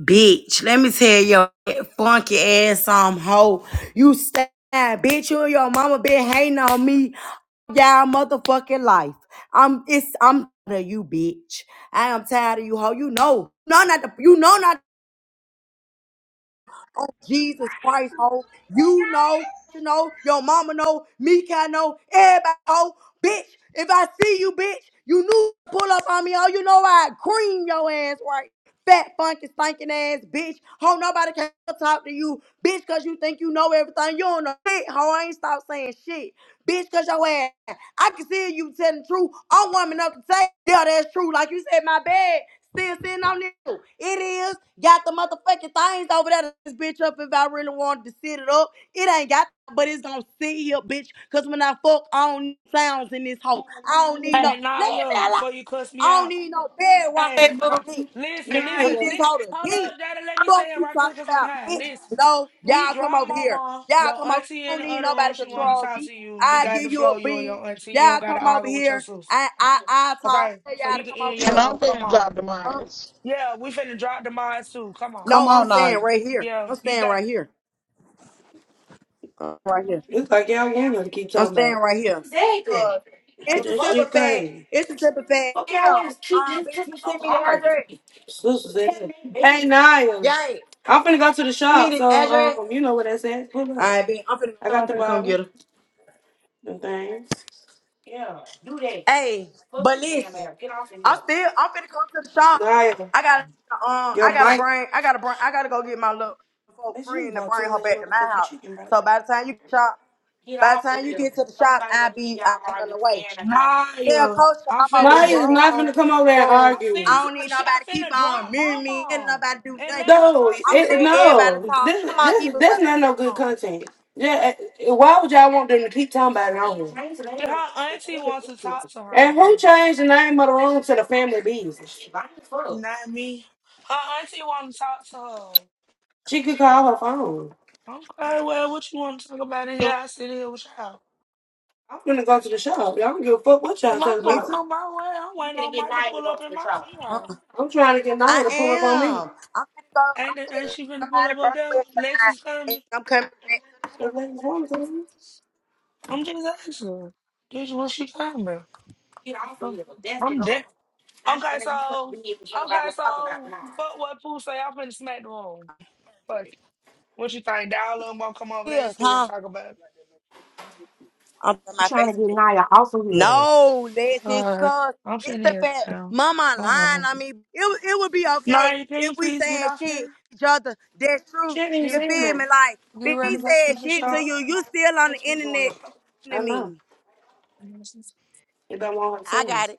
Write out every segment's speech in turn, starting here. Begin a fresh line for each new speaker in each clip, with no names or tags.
Bitch, let me tell your funky ass some hoe. You stay, bitch. You and your mama been hating on me y'all motherfucking life. I'm it's I'm tired of you, bitch. I am tired of you, hoe. You know, no, not the, you know, not. Jesus Christ, ho. You
Shall
know,
we?
you know, your mama know, me can know, everybody know, Bitch, if I see you, bitch, you knew pull up on me, oh, you know I cream your ass right. Fat, funky, stinking ass bitch. Ho, nobody can talk to you, bitch, cause you think you know everything. You don't know shit, ho. I ain't stop saying shit, bitch, cause your ass. I can see you telling the truth. I'm warming up to say, yeah, that's true. Like you said, my bed still sitting on it. It is. Got the motherfucking things over there to this bitch up if I really wanted to sit it up. It ain't got, but it's gonna sit here, bitch. Cause when I fuck, I don't need sounds in this hole. I don't need no,
Hey,
leave me
Naya,
alone.
before you cuss
I
me
don't
out.
need no bed rocking
Hey,
in
Hey, boo.
nah,
this bitch.
listen,
I need
listen.
Nah,
this
Li-
hoe to
hold
hit.
up, Daddy. Let me
Fuck
say it
you
right
talk
quick because I'm
about,
high.
bitch.
Listen.
No,
We
y'all come
dropped
over here.
Mama,
Y'all
your
come over.
auntie
I
in
don't
the
need
other room.
nobody to
She want to
control
talk
me.
to you. You
I
got the
give you
flow,
a
you and
bean.
your auntie. You don't
Y'all
got to
come over
argue with your
here.
sister.
I I I talk.
Okay?
Tell
So
y'all
you
to
can
come over
end
And
your
here.
I'm
room.
thinking
Come on.
about
Huh?
demise.
Yeah, we finna drop the mods too. Come on.
Come
No, I'm
on now.
staying right here.
Yeah,
I'm
you
staying
got
right here. Right here.
It's like y'all women keep
I'm
talking
staying
about.
right here. Uh, it's the
This
simple
shit
fact.
crazy.
It's the simple fact. Damn. Um, bitch, you send me the address.
Sisters in here. Hey, Naya.
Yay.
I'm finna go to the
Send me
shop,
the
so
address.
um, you know what that's at. Pull
All
up.
right, bitch. I'm finna,
I got
I'm
the
finna come
barber
get her.
and things.
Hey, but listen, I'm still I'm finna come to the shop.
Naya,
I got um
your
I gotta
mic.
bring I gotta bring I gotta go get my little folk
That's you
friend to
bought too
bring her
much
back to my
motherfucking
house.
chicken, bro.
So by the time you shop, by the time you get to the shop, I'll be I on the way. Tell
Naya.
Coach
I
I'm over
finna
Naya
here
is
in
drop.
not
my
gonna come over there and
room.
I
argue.
I don't
finna,
need
she, I
nobody keep
finna
on
drop
mirroring me and
Mama
nobody do
and let
nothing.
her
No,
talk to
I'ma
it,
let
Culture.
everybody
no,
talk. I'm
this,
not
this,
even
that's
welcome
not
to
no good
come.
content. Yeah, uh, why would y'all want them to keep talking about it on
Did her auntie
here?
wants to talk to
And
her,
who changed the name of the room to the family business? She
not me. Her auntie want to talk to
could call her phone.
her. Okay, well, what you want to talk about in here? I sit here with y'all.
I'm gonna go to the shop. Y'all don't give a fuck what y'all
I'm, I'm,
talk
Me
I'm
about.
too.
on my way. I'm waiting on Mike to pull up in my
Uh-uh.
car.
I'm trying to get
I
Naya to pull up on me.
am. I'm gonna go.
Ain't, that,
I'm
ain't
gonna
she finna
come
pull
out
up
of
up
front
there?
of side,
Lexus
and
coming.
I'm coming back
If ladies wrong to, come,
I'm just asking. her. This is what she coming. I'm, I'm dead. Okay, so, okay, so, fuck what Pooh say. I'm finna smack the room. Fuck. it. What you think? Dial them won't come over there and
here,
sit here and
huh?
talk about it.
I'm on
I'm
my
trying to get
Facebook.
Naya off of here.
No, that's it,
Uh,
cause
I'm
it's
finna
the
here
fact.
down.
Mama
Hold
lying.
on.
I mean, it would- it would be okay
Nari, can you
if we
please get
saying
off
shit
here?
each other. That's true.
she ain't even
You
You
saying
feel
that.
me? Like,
you
if
ready to
he
go to
said
the
shit to
shop?
you, you still on the internet to
I know.
me.
If I want her to
I
say
got it.
this,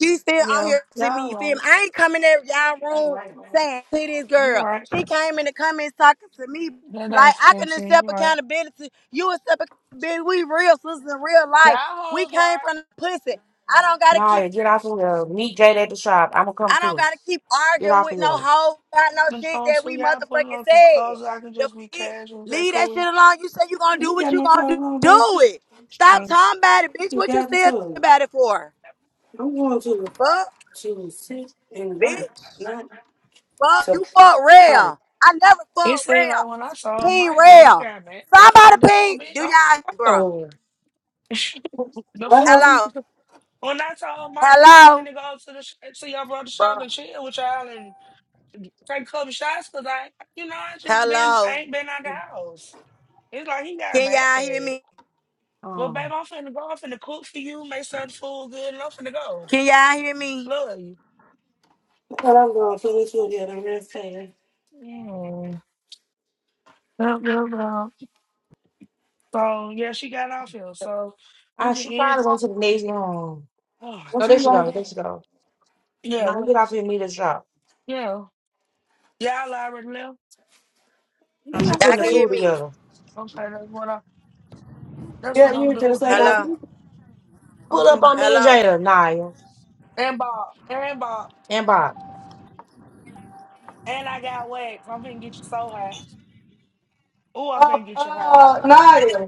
She still on
Yeah,
here to me.
y'all
You feel
right.
me? I ain't coming in y'all room saying to this
You
girl.
right.
She came in the comments talking to me
That
like
ain't
I can
fancy. You
accept
right.
accountability. You accept accountability. We real sisters in real
Y'all
life. We
hoes
came from
right.
the pussy. I don't gotta keep.
Naya, get off of here. Meet Jade at the shop. I'm gonna come
I don't
through.
gotta keep
Get
arguing
off
with
of
no
here.
hoe about no
I'm
shit
going
that
to
we
y'all putting
motherfucking
on some
said.
clothes I can
The
just be
bitch,
casual. Is that
leave that shit
cool?
alone. You say you gonna
you
do
ain't
what
got
you
no
gonna
clothes
do.
on,
Do
baby.
it. Stop
Mm.
talking about it, bitch.
You
What you
got to
still talking
tell her.
about it for?
I'm going to.
Fuck,
to sit and drink,
bitch.
not
Bro,
to
you fuck
party.
real. I never
It
fuck
seemed
real.
like when I saw
Ping
Mike, then he
real.
got mad. Yeah, I'm
Somebody
like,
ping.
damn, bitch,
Do
I'm
y'all,
gonna
bro?
go. the
What
fuck?
happened?
Hello.
When I told Mike I was
Hello.
finna go to the sh- to your brother's shop
Bro.
and chill with y'all and take a couple shots, cause I, you know, I just been, I
Hello.
ain't been out the house. It's like he got
Can y'all hear
mad.
me?
But babe,
Um,
I'm finna go. I'm finna cook for you, make certain food good, and I'm finna go.
Can y'all hear me?
Love you.
I thought I was going to put with you again. I'm just saying.
Yeah. Yup, yup, yup. So yeah, she got off here. So we
ah,
can
she
end.
probably went to the Navy home.
Oh my
What
No, there
you
god.
she
going to
goes.
do?
There she goes.
Yeah,
Now
we
get off here and meet at the shop.
yeah. Y'all already left.
Now
Then I
she
can
Y'all
putting the
can hear
food
say,
me.
together.
Okay, that's what I. That's
yeah,
what
you
I'm
were
doing.
just saying that.
Yeah,
Hello.
I'm
Pull up
finna.
on me and
Hello.
Jada, Naya,
And Bob. And Bob.
and Bob.
And I got wax. I'm finna get you so high. Ooh, I'm
Oh,
finna get you high.
uh, Naya.